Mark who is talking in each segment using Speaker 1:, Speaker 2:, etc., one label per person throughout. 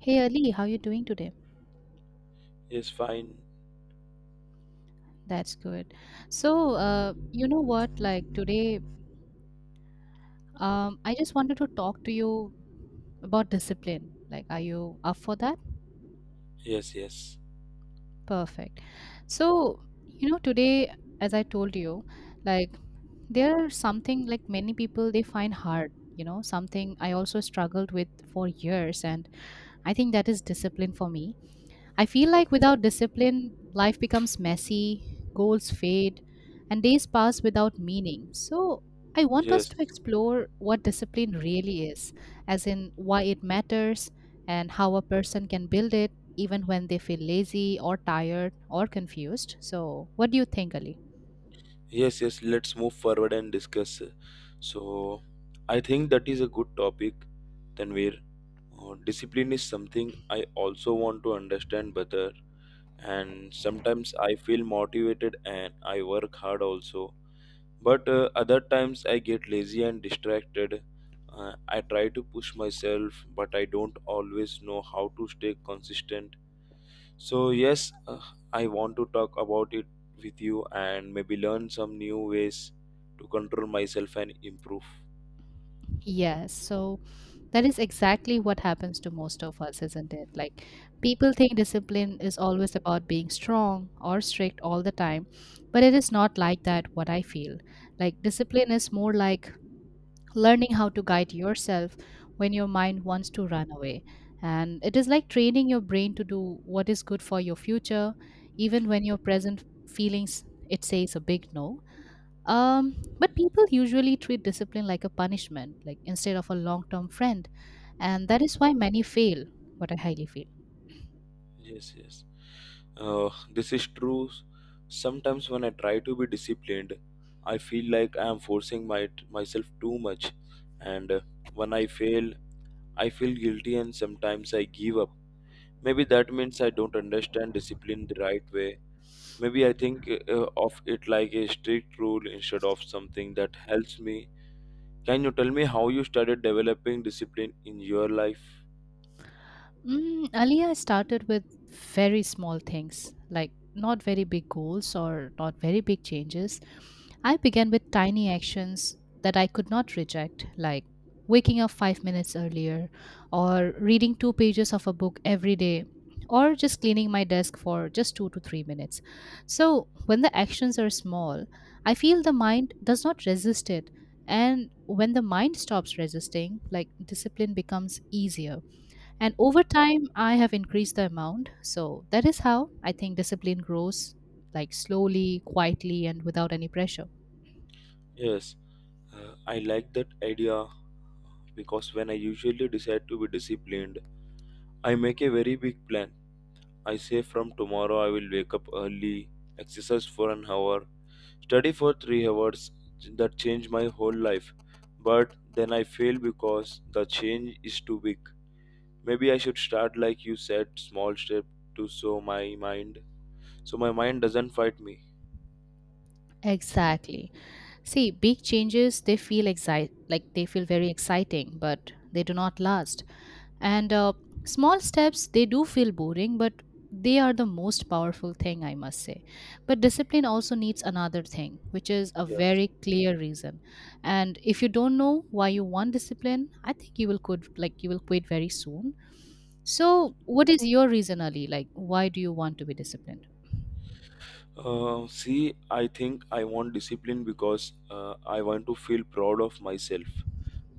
Speaker 1: Hey Ali, how you doing today?
Speaker 2: Yes, fine.
Speaker 1: That's good. So, you know what? Like today, I just wanted to talk to you about discipline. Like, are you up for that?
Speaker 2: Yes, yes,
Speaker 1: Perfect. So, today, as I told you, like there are something like many people they find hard. You know, something I also struggled with for years, and I think that is discipline for me. I feel like without discipline, life becomes messy, goals fade, and days pass without meaning. So, I want us
Speaker 2: yes,
Speaker 1: to explore what discipline really is, as in why it matters and how a person can build it even when they feel lazy or tired or confused. So, what do you think, Ali?
Speaker 2: yes, yes. Let's move forward and discuss. So, I think that is a good topic, Tanvir. Discipline is something I also want to understand better, and sometimes I feel motivated and I work hard also. But other times I get lazy and distracted. I try to push myself, but I don't always know how to stay consistent. So, yes, I want to talk about it with you and maybe learn some new ways to control myself and improve.
Speaker 1: Yes, so that is exactly what happens to most of us, isn't it? Like, people think discipline is always about being strong or strict all the time, but it is not like that, what I feel. Like, discipline is more like learning how to guide yourself when your mind wants to run away. And it is like training your brain to do what is good for your future, even when your present feelings it says a big no. But people usually treat discipline like a punishment, like instead of a long term friend. And that is why many fail, what I highly feel.
Speaker 2: Yes, yes. This is true. Sometimes when I try to be disciplined, I feel like I am forcing my myself too much, and when I fail, I feel guilty and sometimes I give up. Maybe that means I don't understand discipline the right way. Maybe I think of it like a strict rule instead of something that helps me. Can you tell me how you started developing discipline in your life?
Speaker 1: Earlier, I started with very small things, like not very big goals or not very big changes. I began with tiny actions that I could not reject, like waking up 5 minutes earlier, or reading two pages of a book every day, or just cleaning my desk for just 2 to 3 minutes. So, when the actions are small, I feel the mind does not resist it. And when the mind stops resisting, like discipline becomes easier. And over time, I have increased the amount. So that is how I think discipline grows like slowly, quietly, and without any pressure.
Speaker 2: Yes, I like that idea because when I usually decide to be disciplined, I make a very big plan. I say from tomorrow I will wake up early, exercise for an hour, study for 3 hours. That changed my whole life. But then I fail because the change is too big. Maybe I should start like you said small step to so my mind doesn't fight me.
Speaker 1: Exactly. See, big changes, they feel like they feel very exciting, but they do not last. And small steps, they do feel boring, but they are the most powerful thing, I must say. But discipline also needs another thing, which is a
Speaker 2: Yes.
Speaker 1: very clear reason. And if you don't know why you want discipline, I think you will quit, like you will quit very soon. So, what is your reason, Ali? Like, why do you want to be disciplined?
Speaker 2: See, I think I want discipline because I want to feel proud of myself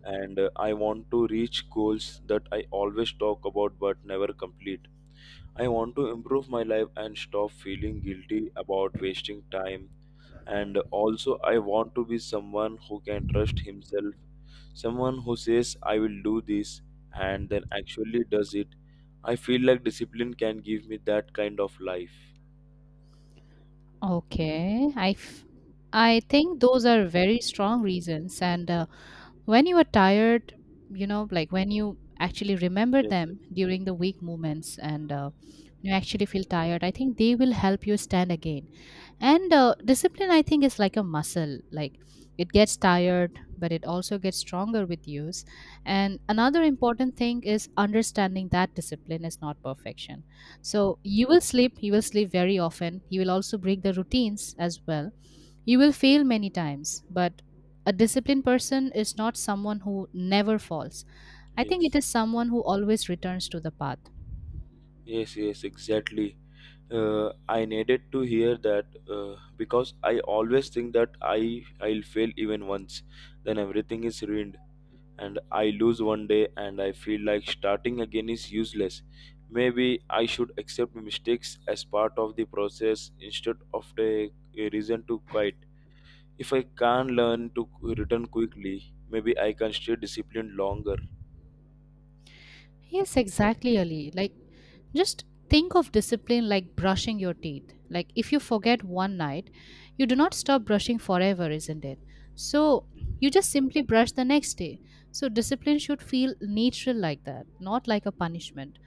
Speaker 2: and I want to reach goals that I always talk about but never complete. I want to improve my life and stop feeling guilty about wasting time. And also, I want to be someone who can trust himself, someone who says, I will do this, and then actually does it. I feel like discipline can give me that kind of life.
Speaker 1: Okay, I think those are very strong reasons, and when you are tired, you know, like when you actually remember
Speaker 2: Yes, yes.
Speaker 1: them during the weak moments and you actually feel tired, I think they will help you stand again. And discipline, I think, is like a muscle. Like, it gets tired, but it also gets stronger with use. And another important thing is understanding that discipline is not perfection. So you will sleep very often, you will also break the routines as well. You will fail many times, but a disciplined person is not someone who never falls. I think it
Speaker 2: Yes,
Speaker 1: is someone who always returns to the path.
Speaker 2: yes, yes, exactly. I needed to hear that because I always think that I'll fail even once, then everything is ruined, and I lose one day, and I feel like starting again is useless. Maybe I should accept mistakes as part of the process instead of the a reason to quit. If I can't learn to return quickly, maybe I can stay disciplined longer.
Speaker 1: Yes, exactly, Ali. Like, just think of discipline like brushing your teeth. Like, if you forget one night, you do not stop brushing forever, isn't it? So, you just simply brush the next day. So, discipline should feel natural like that, not like a punishment,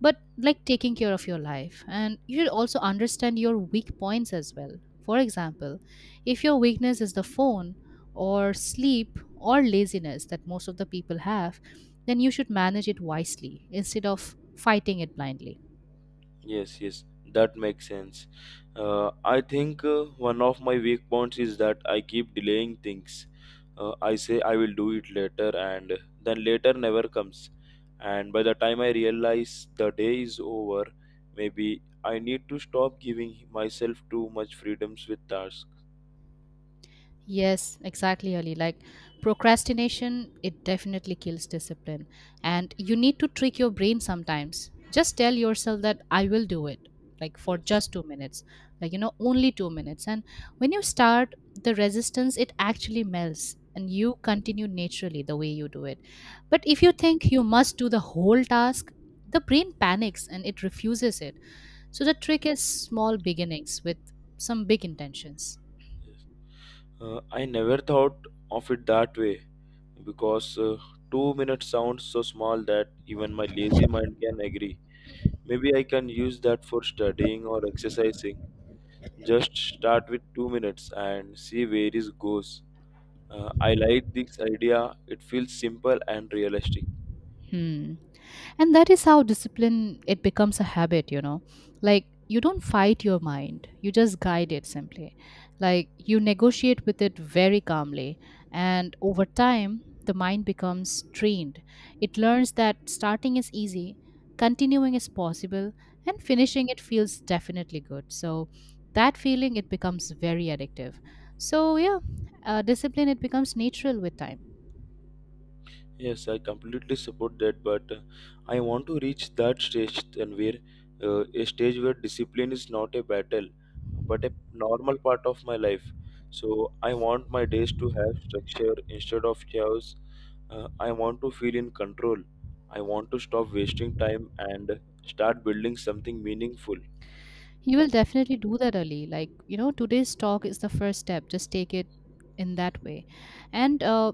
Speaker 1: but like taking care of your life. And you should also understand your weak points as well. For example, if your weakness is the phone, or sleep, or laziness that most of the people have, then you should manage it wisely instead of fighting it blindly.
Speaker 2: Yes, yes, that makes sense. I think one of my weak points is that I keep delaying things. I say I will do it later, and then later never comes. And by the time I realize the day is over, maybe I need to stop giving myself too much freedoms with tasks.
Speaker 1: Yes, exactly, Ali. Like, procrastination, it definitely kills discipline. And you need to trick your brain sometimes. Just tell yourself that I will do it, like for
Speaker 2: Yes,
Speaker 1: just 2 minutes, like, only 2 minutes. And when you start, the resistance, it actually melts and you continue naturally the way you do it. But if you think you must do the whole task, the brain panics and it refuses it. So the trick is small beginnings with some big intentions.
Speaker 2: yes. I never thought of it that way because 2 minutes sounds so small that even my lazy mind can agree. Maybe I can use that for studying or exercising. Just start with 2 minutes and see where it goes. I like this idea. It feels simple and realistic.
Speaker 1: Hmm. And that is how discipline it becomes a habit. Like, you don't fight your mind, you just guide it simply. Like, you negotiate with it very calmly and over time the mind becomes trained. It learns that starting is easy, continuing is possible and finishing it feels definitely good. So that feeling it becomes very addictive. So yeah, discipline it becomes natural with time.
Speaker 2: Yes, I completely support that, but I want to reach that stage then where a stage where discipline is not a battle, but a normal part of my life. So I want my days to have structure instead of chaos. I want to feel in control. I want to stop wasting time and start building something meaningful.
Speaker 1: You will definitely do that, Ali. Like, today's talk is the first step. Just take it in that way. And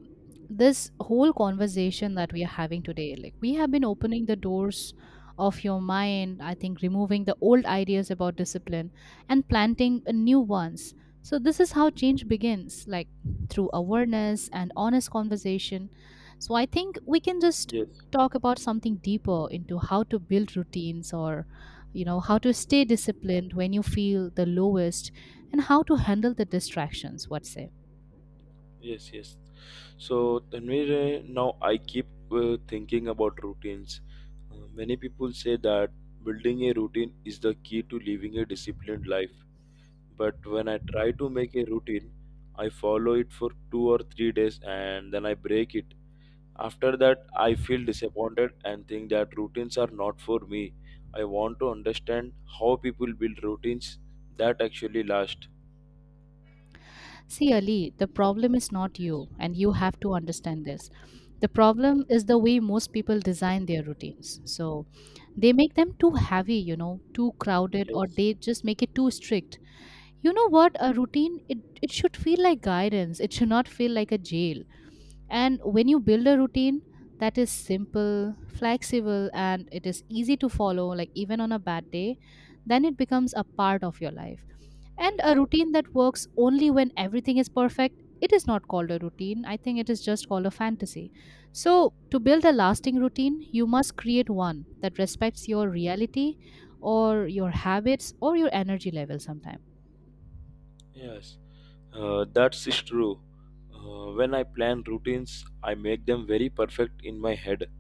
Speaker 1: this whole conversation that we are having today, like, we have been opening the doors of your mind, I think, removing the old ideas about discipline and planting a new ones. So, this is how change begins, like through awareness and honest conversation. So, I think we can just
Speaker 2: Yes.
Speaker 1: talk about something deeper into how to build routines or how to stay disciplined when you feel the lowest, and how to handle the distractions, what's it?
Speaker 2: Yes, yes. So, Tanvir, now I keep thinking about routines. Many people say that building a routine is the key to living a disciplined life. But when I try to make a routine, I follow it for 2 or 3 days and then I break it. After that, I feel disappointed and think that routines are not for me. I want to understand how people build routines that actually last.
Speaker 1: See, Ali, the problem is not
Speaker 2: Yes,
Speaker 1: you, and you have to understand this. The problem is the way most people design their routines. So they make them too heavy, too crowded, or
Speaker 2: yes,
Speaker 1: they just make it too strict. You know what? A routine, it should feel like guidance, it should not feel like a jail. And when you build a routine that is simple, flexible, and it is easy to follow, like even on a bad day, then it becomes a part of your life. And a
Speaker 2: yes.
Speaker 1: routine that works only when everything is perfect, it is not called a routine. I think it is just called a fantasy. So, to build a lasting routine, you must create one that respects your reality or your habits or your energy level sometimes.
Speaker 2: Yes. That's is true. When I plan routines, I make them very perfect in my head.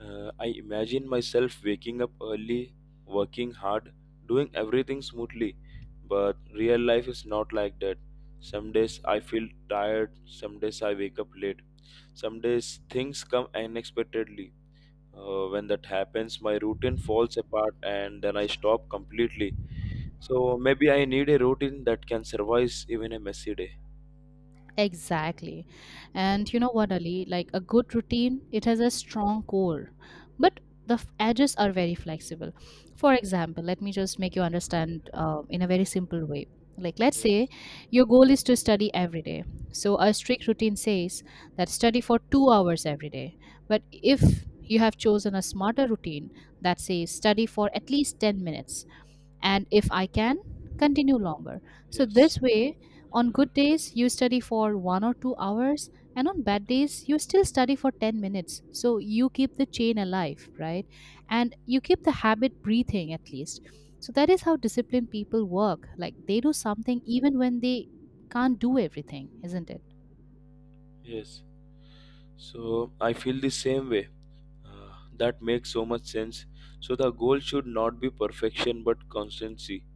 Speaker 2: I imagine myself waking up early, working hard, doing everything smoothly. But real life is not like that. Some days I feel tired, some days I wake up late, some days things come unexpectedly. When that happens, my routine falls apart and then I stop completely. So maybe I need a routine that can survive even a messy day.
Speaker 1: Exactly. And you know what, Ali? Like a good routine, it has a strong core, but the edges are very flexible. For example, let me just make you understand in a very simple way. Like, let's say
Speaker 2: Yes.
Speaker 1: your goal is to study every day. So, a strict routine says that study for 2 hours every day. But if you have chosen a smarter routine that says study for at least 10 minutes, and if I can, continue longer. So,
Speaker 2: Yes,
Speaker 1: this way, on good days, you study for 1 or 2 hours, and on bad days, you still study for 10 minutes. So you keep the chain alive, right? And you keep the habit breathing at least. So that is how disciplined people work. Like they do something even when they can't do everything, isn't it?
Speaker 2: yes. So I feel the same way. That makes so much sense. So the goal should not be perfection but constancy.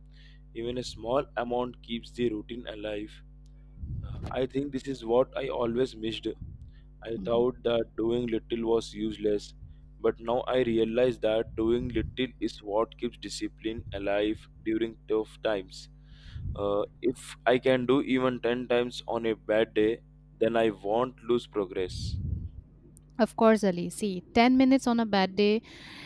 Speaker 2: Even a small amount keeps the routine alive. I think this is what I always missed. I
Speaker 1: Mhm.
Speaker 2: thought that doing little was useless, but now I realize that doing little is what keeps discipline alive during tough times. If I can do even 10 times on a bad day, then I won't lose progress.
Speaker 1: Of course, Ali. See, 10 minutes on a bad day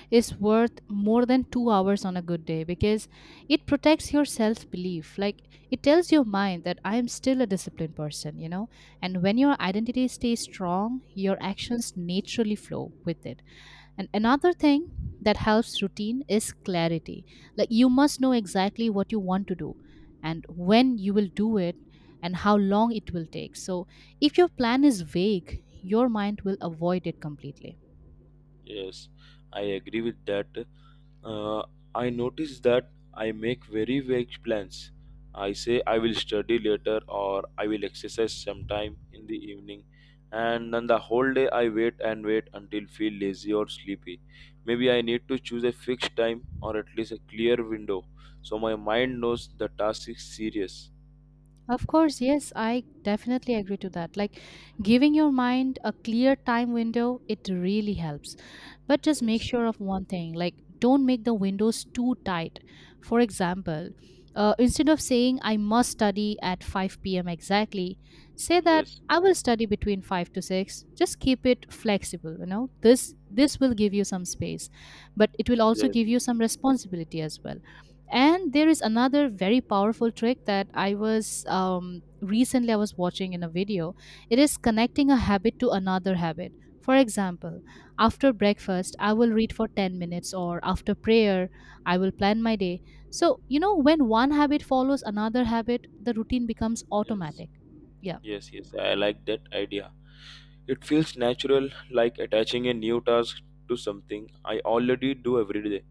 Speaker 1: is worth more than 2 hours on a good day because it protects your self belief. Like, it tells your mind that I am still a disciplined person. And when your identity stays strong, your actions naturally flow with it. And another thing that helps routine is clarity. Like, you must know exactly what you want to do and when you will do it and how long it will take. So if your plan is vague, your mind will avoid it completely.
Speaker 2: Yes, I agree with that. Uh, I notice that I make very vague plans. I say I will study later or I will exercise sometime in the evening, and then the whole day I wait and wait until feel lazy or sleepy. Maybe I need to choose a fixed time or at least a clear window so my mind knows the task is serious.
Speaker 1: Of course, yes, I definitely agree to that. Like, giving your mind a clear time window, it really helps. But just make
Speaker 2: Yes,
Speaker 1: sure of one thing, like don't make the windows too tight. For example, instead of saying I must study at 5 p.m. exactly, say that
Speaker 2: yes,
Speaker 1: I will study between 5 to 6. Just keep it flexible. This will give you some space, but it will also
Speaker 2: yes,
Speaker 1: give you some responsibility as well. And there is another very powerful trick that I was recently I was watching in a video. It is connecting a habit to another habit. For example, after breakfast, I will read for 10 minutes, or after prayer, I will plan my day. So, when one habit follows another habit, the routine becomes
Speaker 2: yes,
Speaker 1: automatic. Yeah,
Speaker 2: yes, yes. I like that idea. It feels natural, like attaching a new task to something I already do every day.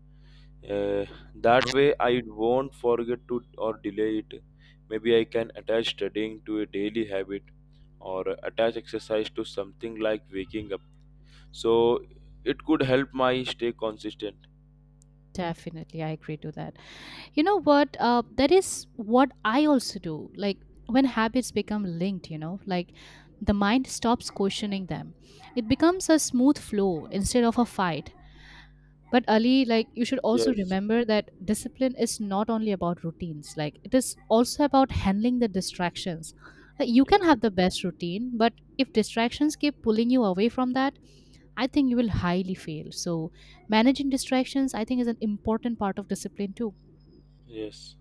Speaker 2: Uh, that way, I won't forget to or delay it. Maybe I can attach studying to a daily habit or attach exercise to something like waking up. So it could help my stay consistent.
Speaker 1: definitely. I agree to that. You know what? That is what I also do. Like when habits become linked, like the mind stops questioning them. It becomes a smooth flow instead of a fight. But Ali, like you should also
Speaker 2: Yes,
Speaker 1: remember that discipline is not only about routines. Like it is also about handling the distractions. Like, you
Speaker 2: yeah,
Speaker 1: can have the best routine, but if distractions keep pulling you away from that, I think you will highly fail. So managing distractions, I think, is an important part of discipline too.
Speaker 2: yes.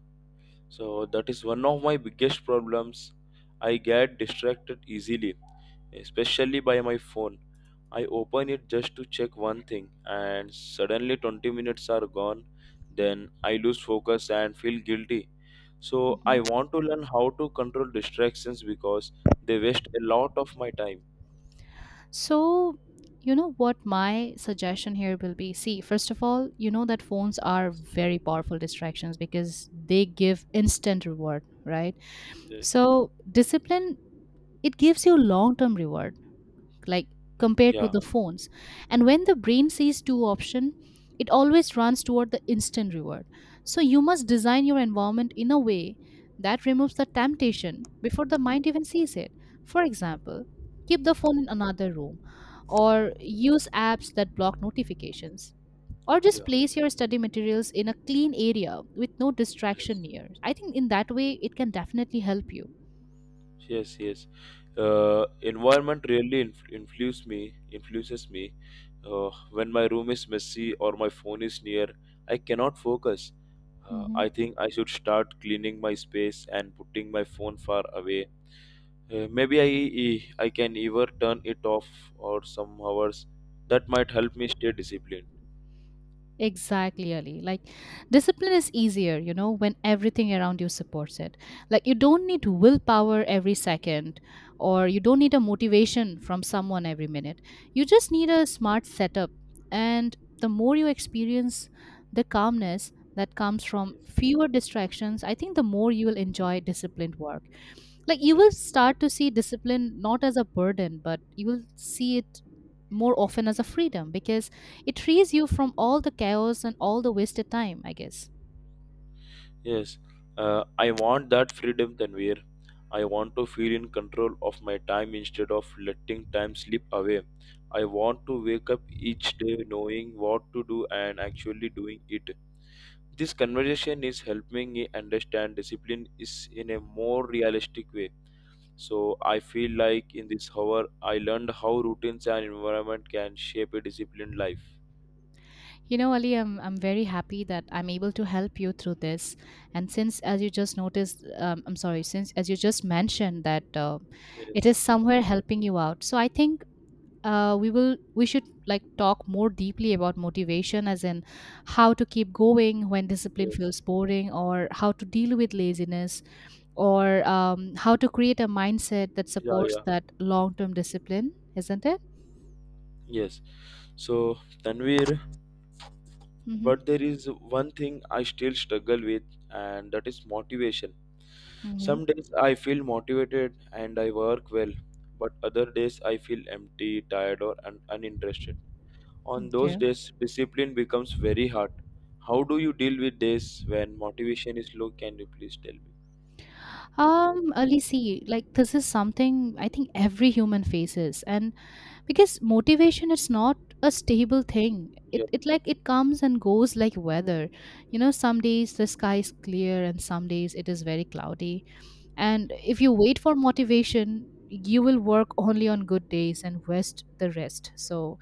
Speaker 2: So that is one of my biggest problems. I get distracted easily, especially by my phone. I open it just to check one thing, and suddenly 20 minutes are gone. Then I lose focus and feel guilty. So I
Speaker 1: Mm-hmm.
Speaker 2: want to learn how to control distractions because they waste a lot of my time.
Speaker 1: So, you know what my suggestion here will be? See, first of all, you know that phones are very powerful distractions because they give instant reward, right?
Speaker 2: Yes.
Speaker 1: So, discipline, it gives you long term reward like compared to
Speaker 2: Yeah.
Speaker 1: the phones, and when the brain sees two option it always runs toward the instant reward. So you must design your environment in a way that removes the temptation before the mind even sees it. For example, keep the phone in another room, or use apps that block notifications, or just
Speaker 2: Yeah.
Speaker 1: place your study materials in a clean area with no distraction
Speaker 2: Yes.
Speaker 1: near. I think in that way it can definitely help you.
Speaker 2: Yes. Yes. Environment really influences me. When my room is messy or my phone is near, I cannot focus.
Speaker 1: Mhm.
Speaker 2: I think I should start cleaning my space and putting my phone far away. Maybe I can either turn it off or some hours. That might help me stay disciplined.
Speaker 1: Exactly, Ali. Like, discipline is easier, you know, when everything around you supports it. Like, you don't need willpower every second, or you don't need a motivation from someone every minute. You just need a smart setup. And the more you experience the calmness that comes from fewer distractions, I think the more you will enjoy disciplined work. Like, you
Speaker 2: Yes.
Speaker 1: will start to see discipline not as a burden, but you will see it more often as a freedom, because it frees you from all the chaos and all the wasted time, I guess.
Speaker 2: Yes, I want that freedom, Tanvir. I want to feel in control of my time instead of letting time slip away. I want to wake up each day knowing what to do and actually doing it. This conversation is helping me understand discipline is in a more realistic way. So I feel like in this hour I learned how routines and environment can shape a disciplined life.
Speaker 1: You know, Ali, I'm very happy that I'm able to help you through this. And since, as you just noticed, I'm sorry, since, as you just mentioned, that it
Speaker 2: Yes,
Speaker 1: is somewhere helping you out. So I think we should like talk more deeply about motivation, as in how to keep going when discipline
Speaker 2: yes,
Speaker 1: feels boring, or how to deal with laziness, or how to create a mindset that
Speaker 2: yeah,
Speaker 1: supports
Speaker 2: yeah,
Speaker 1: that long term discipline, isn't it?
Speaker 2: yes. So, Tanvir,
Speaker 1: Mhm.
Speaker 2: but there is one thing I still struggle with, and that is motivation.
Speaker 1: Mhm.
Speaker 2: Some days I feel motivated and I work well, but other days I feel empty, tired, or uninterested. On those
Speaker 1: Okay.
Speaker 2: days, discipline becomes very hard. How do you deal with this when motivation is low? Can you please tell me?
Speaker 1: Alisi, like this is something I think every human faces, and because motivation is not a stable thing. It
Speaker 2: Yeah,
Speaker 1: it like it comes and goes like weather. You know, some days the sky is clear and some days it is very cloudy. And if you wait for motivation, you will work only on good days and waste the rest. So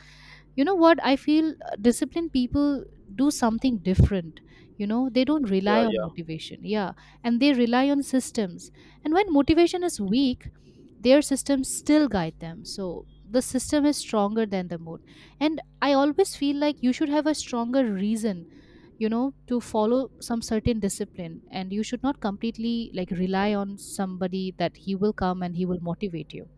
Speaker 1: you know what I feel, disciplined people do something different. You know, they don't
Speaker 2: yeah,
Speaker 1: rely on
Speaker 2: yeah.
Speaker 1: motivation, yeah, and they rely on systems. And when motivation is weak, their systems still guide them. So the system is stronger than the mood. And I always feel like you should have a stronger reason, you know, to follow
Speaker 2: Yes,
Speaker 1: some certain discipline, and you should not completely like rely on somebody that he will come and he will motivate you.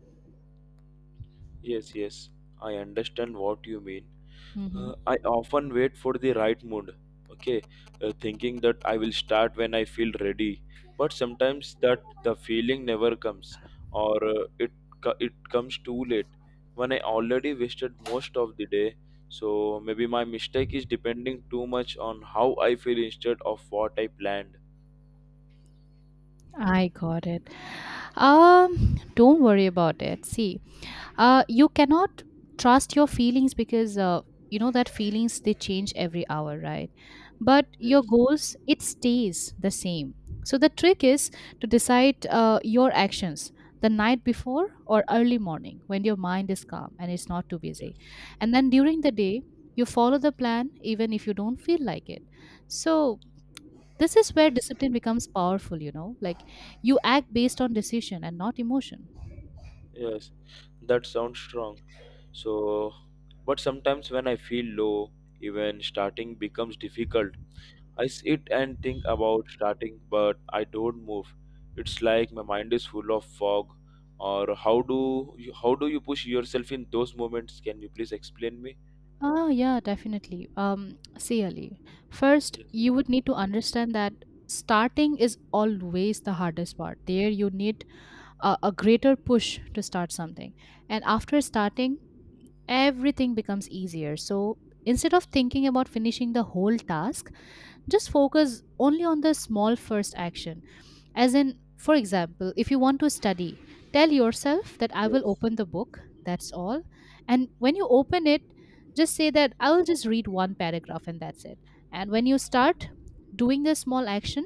Speaker 2: yes, yes. I understand what you mean.
Speaker 1: Hmm.
Speaker 2: I often wait for the right mood, okay, thinking that I will start when I feel ready. But sometimes that the feeling never comes, or it comes too late when I already wasted most of the day. So maybe my mistake is depending too much on how I feel instead of what I planned.
Speaker 1: I got it. Don't worry about it. See, you cannot trust your feelings, because you know that feelings they change every hour, right? But your
Speaker 2: Yes,
Speaker 1: goals it stays the same. So the trick is to decide your actions the night before or early morning when your mind is calm and it's not too
Speaker 2: yes,
Speaker 1: busy, and then during the day you follow the plan even if you don't feel like it. So this is where
Speaker 2: yes,
Speaker 1: discipline becomes powerful, you know, like you act based on decision and not emotion.
Speaker 2: yes. That sounds strong. So, but sometimes when I feel low, even starting becomes difficult. I sit and think about starting, but I don't move. It's like my mind is full of fog. Or how do you push yourself in those moments? Can you please explain me?
Speaker 1: Ah, yeah, definitely. See, Ali, first,
Speaker 2: Yes.
Speaker 1: you would need to understand that starting is always the hardest part. There, you need a greater push to start something. And after starting, everything becomes easier. So instead of thinking about finishing the whole task, just focus only on the small first action. As in, for example, if you want to study, tell yourself that I will
Speaker 2: Yes.
Speaker 1: open the book, that's all. And when you open it, just say that I will just read one paragraph and that's it. And when you start doing this small action,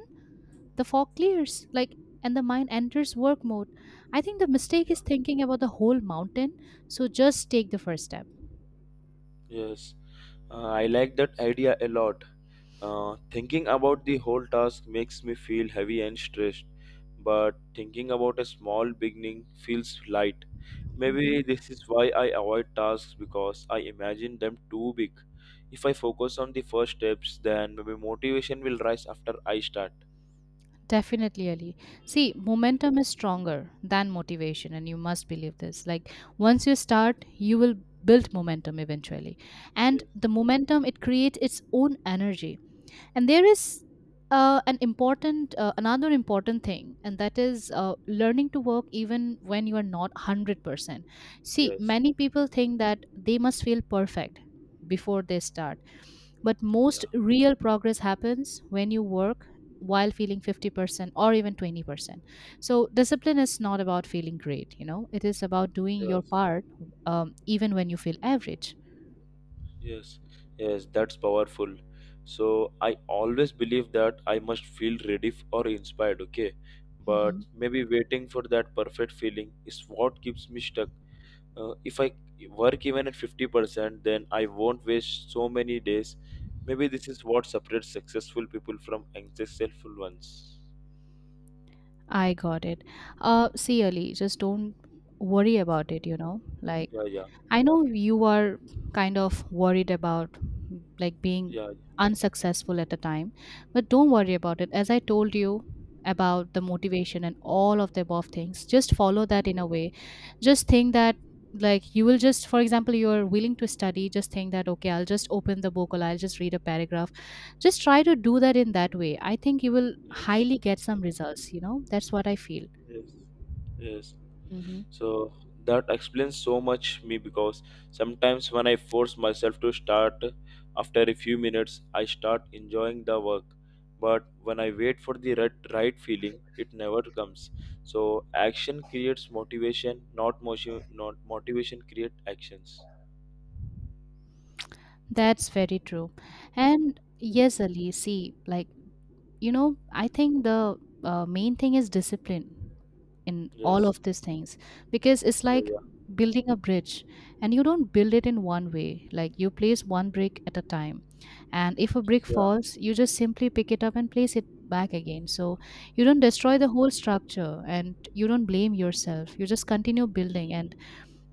Speaker 1: the fog clears, like, and the mind enters work mode. I think the mistake
Speaker 2: Yeah.
Speaker 1: is thinking about the whole mountain, so just take the first step.
Speaker 2: Yes, I like that idea a lot. Thinking about the whole task makes me feel heavy and stressed, but thinking about a small beginning feels light.
Speaker 1: Mhm.
Speaker 2: Maybe this is why I avoid tasks because I imagine them too big. If I focus on the first steps, then maybe motivation will rise after I start.
Speaker 1: Definitely, Ali. See, momentum is stronger than motivation, and you must believe this. Like, once you start, you will build momentum eventually. And
Speaker 2: Yes,
Speaker 1: the momentum, it creates its own energy, and there is an important another important thing, and that is learning to work even when you are not 100%. See,
Speaker 2: yes,
Speaker 1: many people think that they must feel perfect before they start, but most
Speaker 2: yeah,
Speaker 1: real progress happens when you work while feeling 50% or even 20%. So discipline is not about feeling great, you know. It is about doing your
Speaker 2: yes.
Speaker 1: part, even when you feel average.
Speaker 2: Yes, yes, that's powerful. So I always believe that I must feel ready or inspired, okay?
Speaker 1: Mm-hmm.
Speaker 2: But maybe waiting for that perfect feeling is what keeps me stuck. If I work even at 50%, then I won't waste so many days. Maybe this is what separates successful people from unsuccessful ones.
Speaker 1: I got it. See, Ali, just don't worry about it, you know. Like,
Speaker 2: Yeah, yeah,
Speaker 1: I know you are kind of worried about like being
Speaker 2: yeah,
Speaker 1: unsuccessful at the time, but don't worry about it. As I told you about the motivation and all of the above things, just follow that in
Speaker 2: yeah.
Speaker 1: a way. Just think that like you will just, for example, you're willing to study, just think that, okay, I'll just open the book, or I'll just read a paragraph. Just try to do that. In that way, I think you will
Speaker 2: Yes,
Speaker 1: highly get some results, you know. That's what I feel.
Speaker 2: yes, yes. Yes.
Speaker 1: Hmm.
Speaker 2: So that explains so much me because sometimes when I force myself to start after a few minutes I start enjoying the work, but when I wait for the right, right feeling it never comes. So action creates motivation, not motivation create actions.
Speaker 1: That's very true. And yes, Ali, see, like, you know, I think the main thing is discipline in all
Speaker 2: Yes,
Speaker 1: of these things, because it's
Speaker 2: yeah,
Speaker 1: like
Speaker 2: yeah,
Speaker 1: building a bridge, and you don't build it in one way. Like, you place one brick at a time, and if a brick
Speaker 2: yeah,
Speaker 1: falls you just simply pick it up and place it back again. So you don't destroy
Speaker 2: yeah,
Speaker 1: the whole structure and you don't blame yourself. You just continue building. And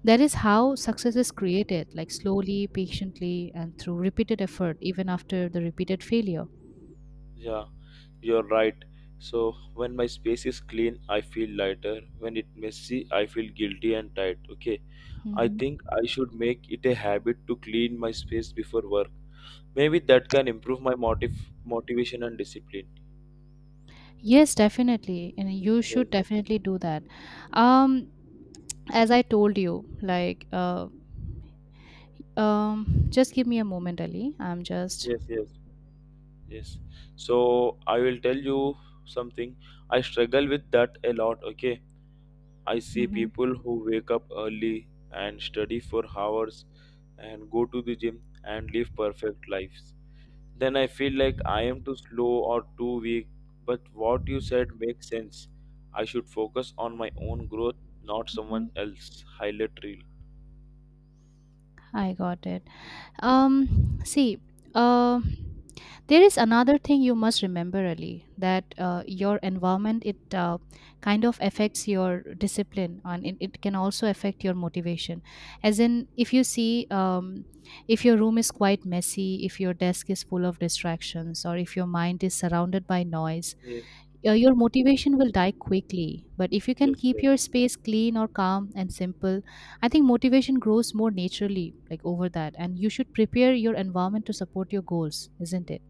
Speaker 1: that is how success is created, like slowly, patiently, and through repeated effort, even after the repeated failure.
Speaker 2: yeah. You're right. So when my space is clean I feel lighter, when it messy I feel guilty and tight, okay. I
Speaker 1: Mhm.
Speaker 2: think I should make it a habit to clean my space before work. Maybe that can improve my motivation and discipline.
Speaker 1: Yes, definitely. And you
Speaker 2: Yes,
Speaker 1: should definitely do that. Um, as I told you, like, just give me a moment, Ali. I'm just.
Speaker 2: yes, yes, yes. So I will tell you something. I struggle with that a lot, okay? I see
Speaker 1: Mhm,
Speaker 2: people who wake up early and study for hours and go to the gym and live perfect lives. Then I feel like I am too slow or too weak. But what you said makes sense. I should focus on my own growth, not someone
Speaker 1: mhm.
Speaker 2: else's highlight reel.
Speaker 1: I got it. See, uh, there is another thing you must remember, Ali, that your environment it kind of affects your discipline, and it can also affect your motivation. As in, if you see, if your room is quite messy, if your desk is full of distractions, or if your mind is surrounded by noise,
Speaker 2: Yes,
Speaker 1: your motivation will die quickly. But if you can
Speaker 2: yes,
Speaker 1: keep
Speaker 2: yes,
Speaker 1: your space clean or calm and simple, I think motivation grows more naturally, like over that. And you should prepare your environment to support your goals, isn't it?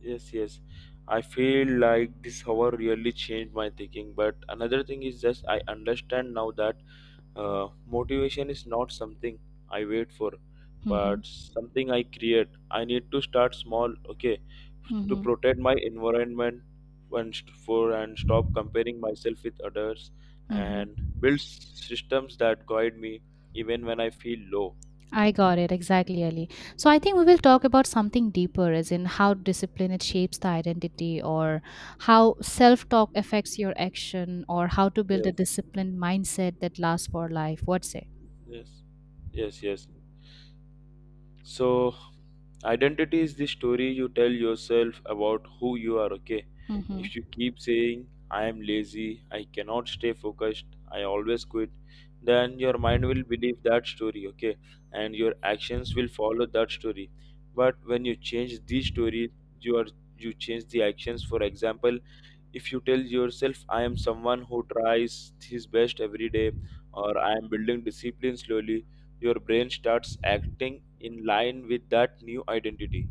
Speaker 2: yes, yes. I feel like this hour really changed my thinking. But another thing is just I understand now that motivation is not something I wait for,
Speaker 1: Mm-hmm.
Speaker 2: but something I create. I need to start small, okay, to
Speaker 1: Mm-hmm.
Speaker 2: protect my environment and st- for and stop comparing myself with others and
Speaker 1: Mm-hmm.
Speaker 2: build systems that guide me even when I feel low.
Speaker 1: I got it exactly, Ali. So I think we will talk about something deeper, as in how discipline it shapes the identity, or how self-talk affects your action, or how to build a
Speaker 2: Yes,
Speaker 1: disciplined mindset that lasts for life. What say?
Speaker 2: yes, yes, yes. So, identity is the story you tell yourself about who you are, okay? If you keep saying, I am lazy, I cannot stay focused, I always quit, then your mind will believe that story, okay? And your actions will follow that story. But when you change these stories, you are you change the actions. For example, if you tell yourself I am someone who tries his best every day or I am building discipline slowly, your brain starts acting in line with that new identity.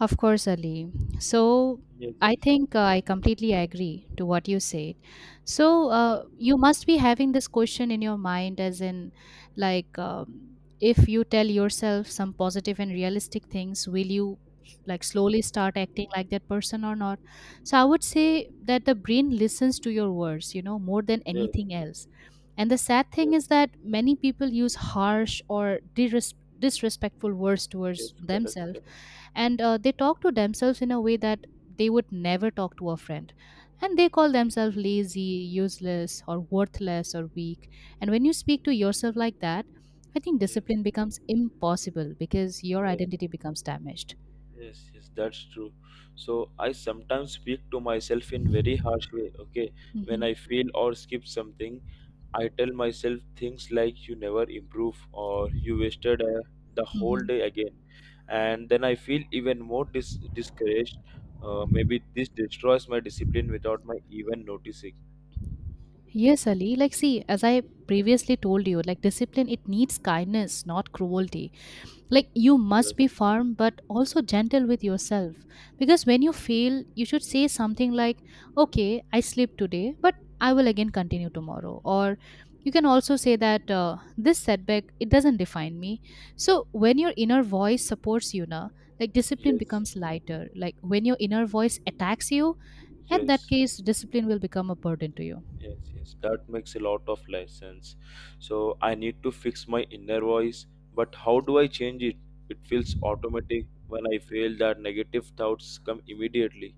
Speaker 1: Of course, Ali. So
Speaker 2: Yes,
Speaker 1: I think I completely agree to what you said. So
Speaker 2: yes,
Speaker 1: you must be having this question in your mind, as in, like, if you tell yourself some positive and realistic things, will you like slowly start acting like that person or not? So I would say that the brain listens to your words, you know, more than
Speaker 2: yes,
Speaker 1: anything else. And the sad thing
Speaker 2: yes,
Speaker 1: is that many people use harsh or disrespectful words towards
Speaker 2: yes, correct,
Speaker 1: themselves,
Speaker 2: correct.
Speaker 1: and they talk to themselves in a way that they would never talk to a friend. And they call themselves lazy, useless, or worthless, or weak. And when you speak to yourself like that, I think
Speaker 2: Yes.
Speaker 1: discipline becomes impossible because your
Speaker 2: Yes,
Speaker 1: identity becomes damaged.
Speaker 2: yes, yes, that's true. So I sometimes speak to myself in very harsh way, okay. When
Speaker 1: Hmm.
Speaker 2: I fail or skip something, I tell myself things like you never improve or you wasted the whole
Speaker 1: Hmm.
Speaker 2: day again, and then I feel even more discouraged. Maybe this destroys my discipline without my even noticing.
Speaker 1: Yes, Ali. Like, see, as I previously told you, like discipline, it needs kindness, not cruelty. Like, you must
Speaker 2: Yes,
Speaker 1: be firm but also gentle with yourself. Because when you fail you should say something like, okay, I sleep today but I will again continue tomorrow, or you can also say that, this setback it doesn't define me. So when your inner voice supports you now, like discipline
Speaker 2: yes,
Speaker 1: becomes lighter. Like, when your inner voice attacks you, at that
Speaker 2: yes,
Speaker 1: case discipline will become a burden to you.
Speaker 2: yes, yes. That makes a lot of life sense. So I need to fix my inner voice, but how do I change it? It feels automatic when I feel that negative thoughts come immediately.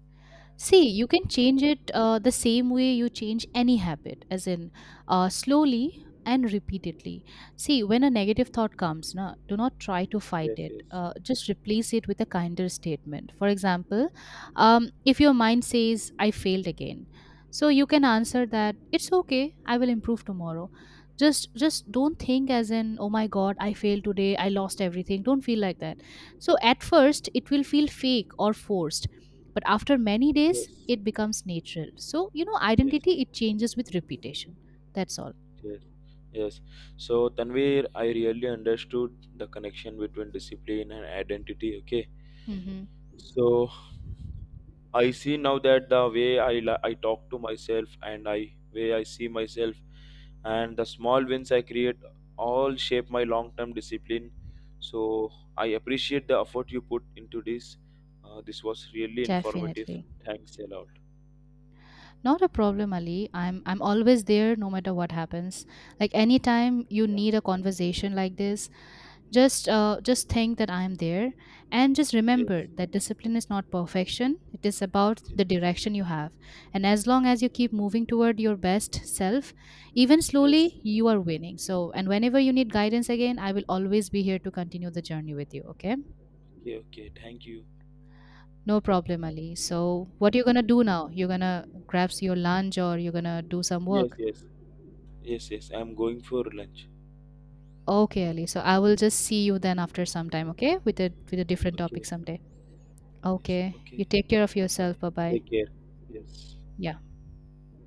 Speaker 1: See, you can change it the same way you change any habit, as in slowly and repeatedly. See, when a negative thought comes, na, do not try to fight
Speaker 2: Yes,
Speaker 1: it.
Speaker 2: yes,
Speaker 1: Just replace it with a kinder statement. For example, if your mind says, I failed again, so you can answer that, it's okay, I will improve tomorrow. Just don't think as in, oh my god, I failed today, I lost everything. Don't feel like that. So at first, it will feel fake or forced, but after many days
Speaker 2: yes,
Speaker 1: it becomes natural. So you know,
Speaker 2: yes,
Speaker 1: identity it changes with repetition. That's all.
Speaker 2: yes. Yes. So, Tanvir, I really understood the connection between discipline and identity. Okay.
Speaker 1: Mm-hmm.
Speaker 2: So I see now that the way I talk to myself and I way I see myself and the small wins I create all shape my long term discipline. So I appreciate the effort you put into this. This was really informative.
Speaker 1: Definitely.
Speaker 2: Thanks a lot.
Speaker 1: Not a problem, Ali. I'm always there no matter what happens. Like, anytime you
Speaker 2: Yeah.
Speaker 1: need a conversation like this, just think that I am there. And just remember
Speaker 2: Yes.
Speaker 1: that discipline is not perfection, it is about
Speaker 2: Yes.
Speaker 1: the direction you have. And as long as you keep moving toward your best self, even
Speaker 2: Yes.
Speaker 1: slowly, you are winning. So, and whenever you need guidance again, I will always be here to continue the journey with you, okay?
Speaker 2: Okay. Okay. Thank you.
Speaker 1: No problem, Ali. So what you're gonna do now? You're gonna grab your lunch or you're gonna do some
Speaker 2: Yes.
Speaker 1: work?
Speaker 2: Yes. Yes. Yes. I'm going for lunch.
Speaker 1: Okay, Ali, so I will just see you then after some time, okay, with a different topic
Speaker 2: Okay.
Speaker 1: someday.
Speaker 2: Yes.
Speaker 1: Okay, you
Speaker 2: Okay.
Speaker 1: take care of yourself.
Speaker 2: Bye.
Speaker 1: Bye bye.
Speaker 2: Take care. Yes.
Speaker 1: Yeah.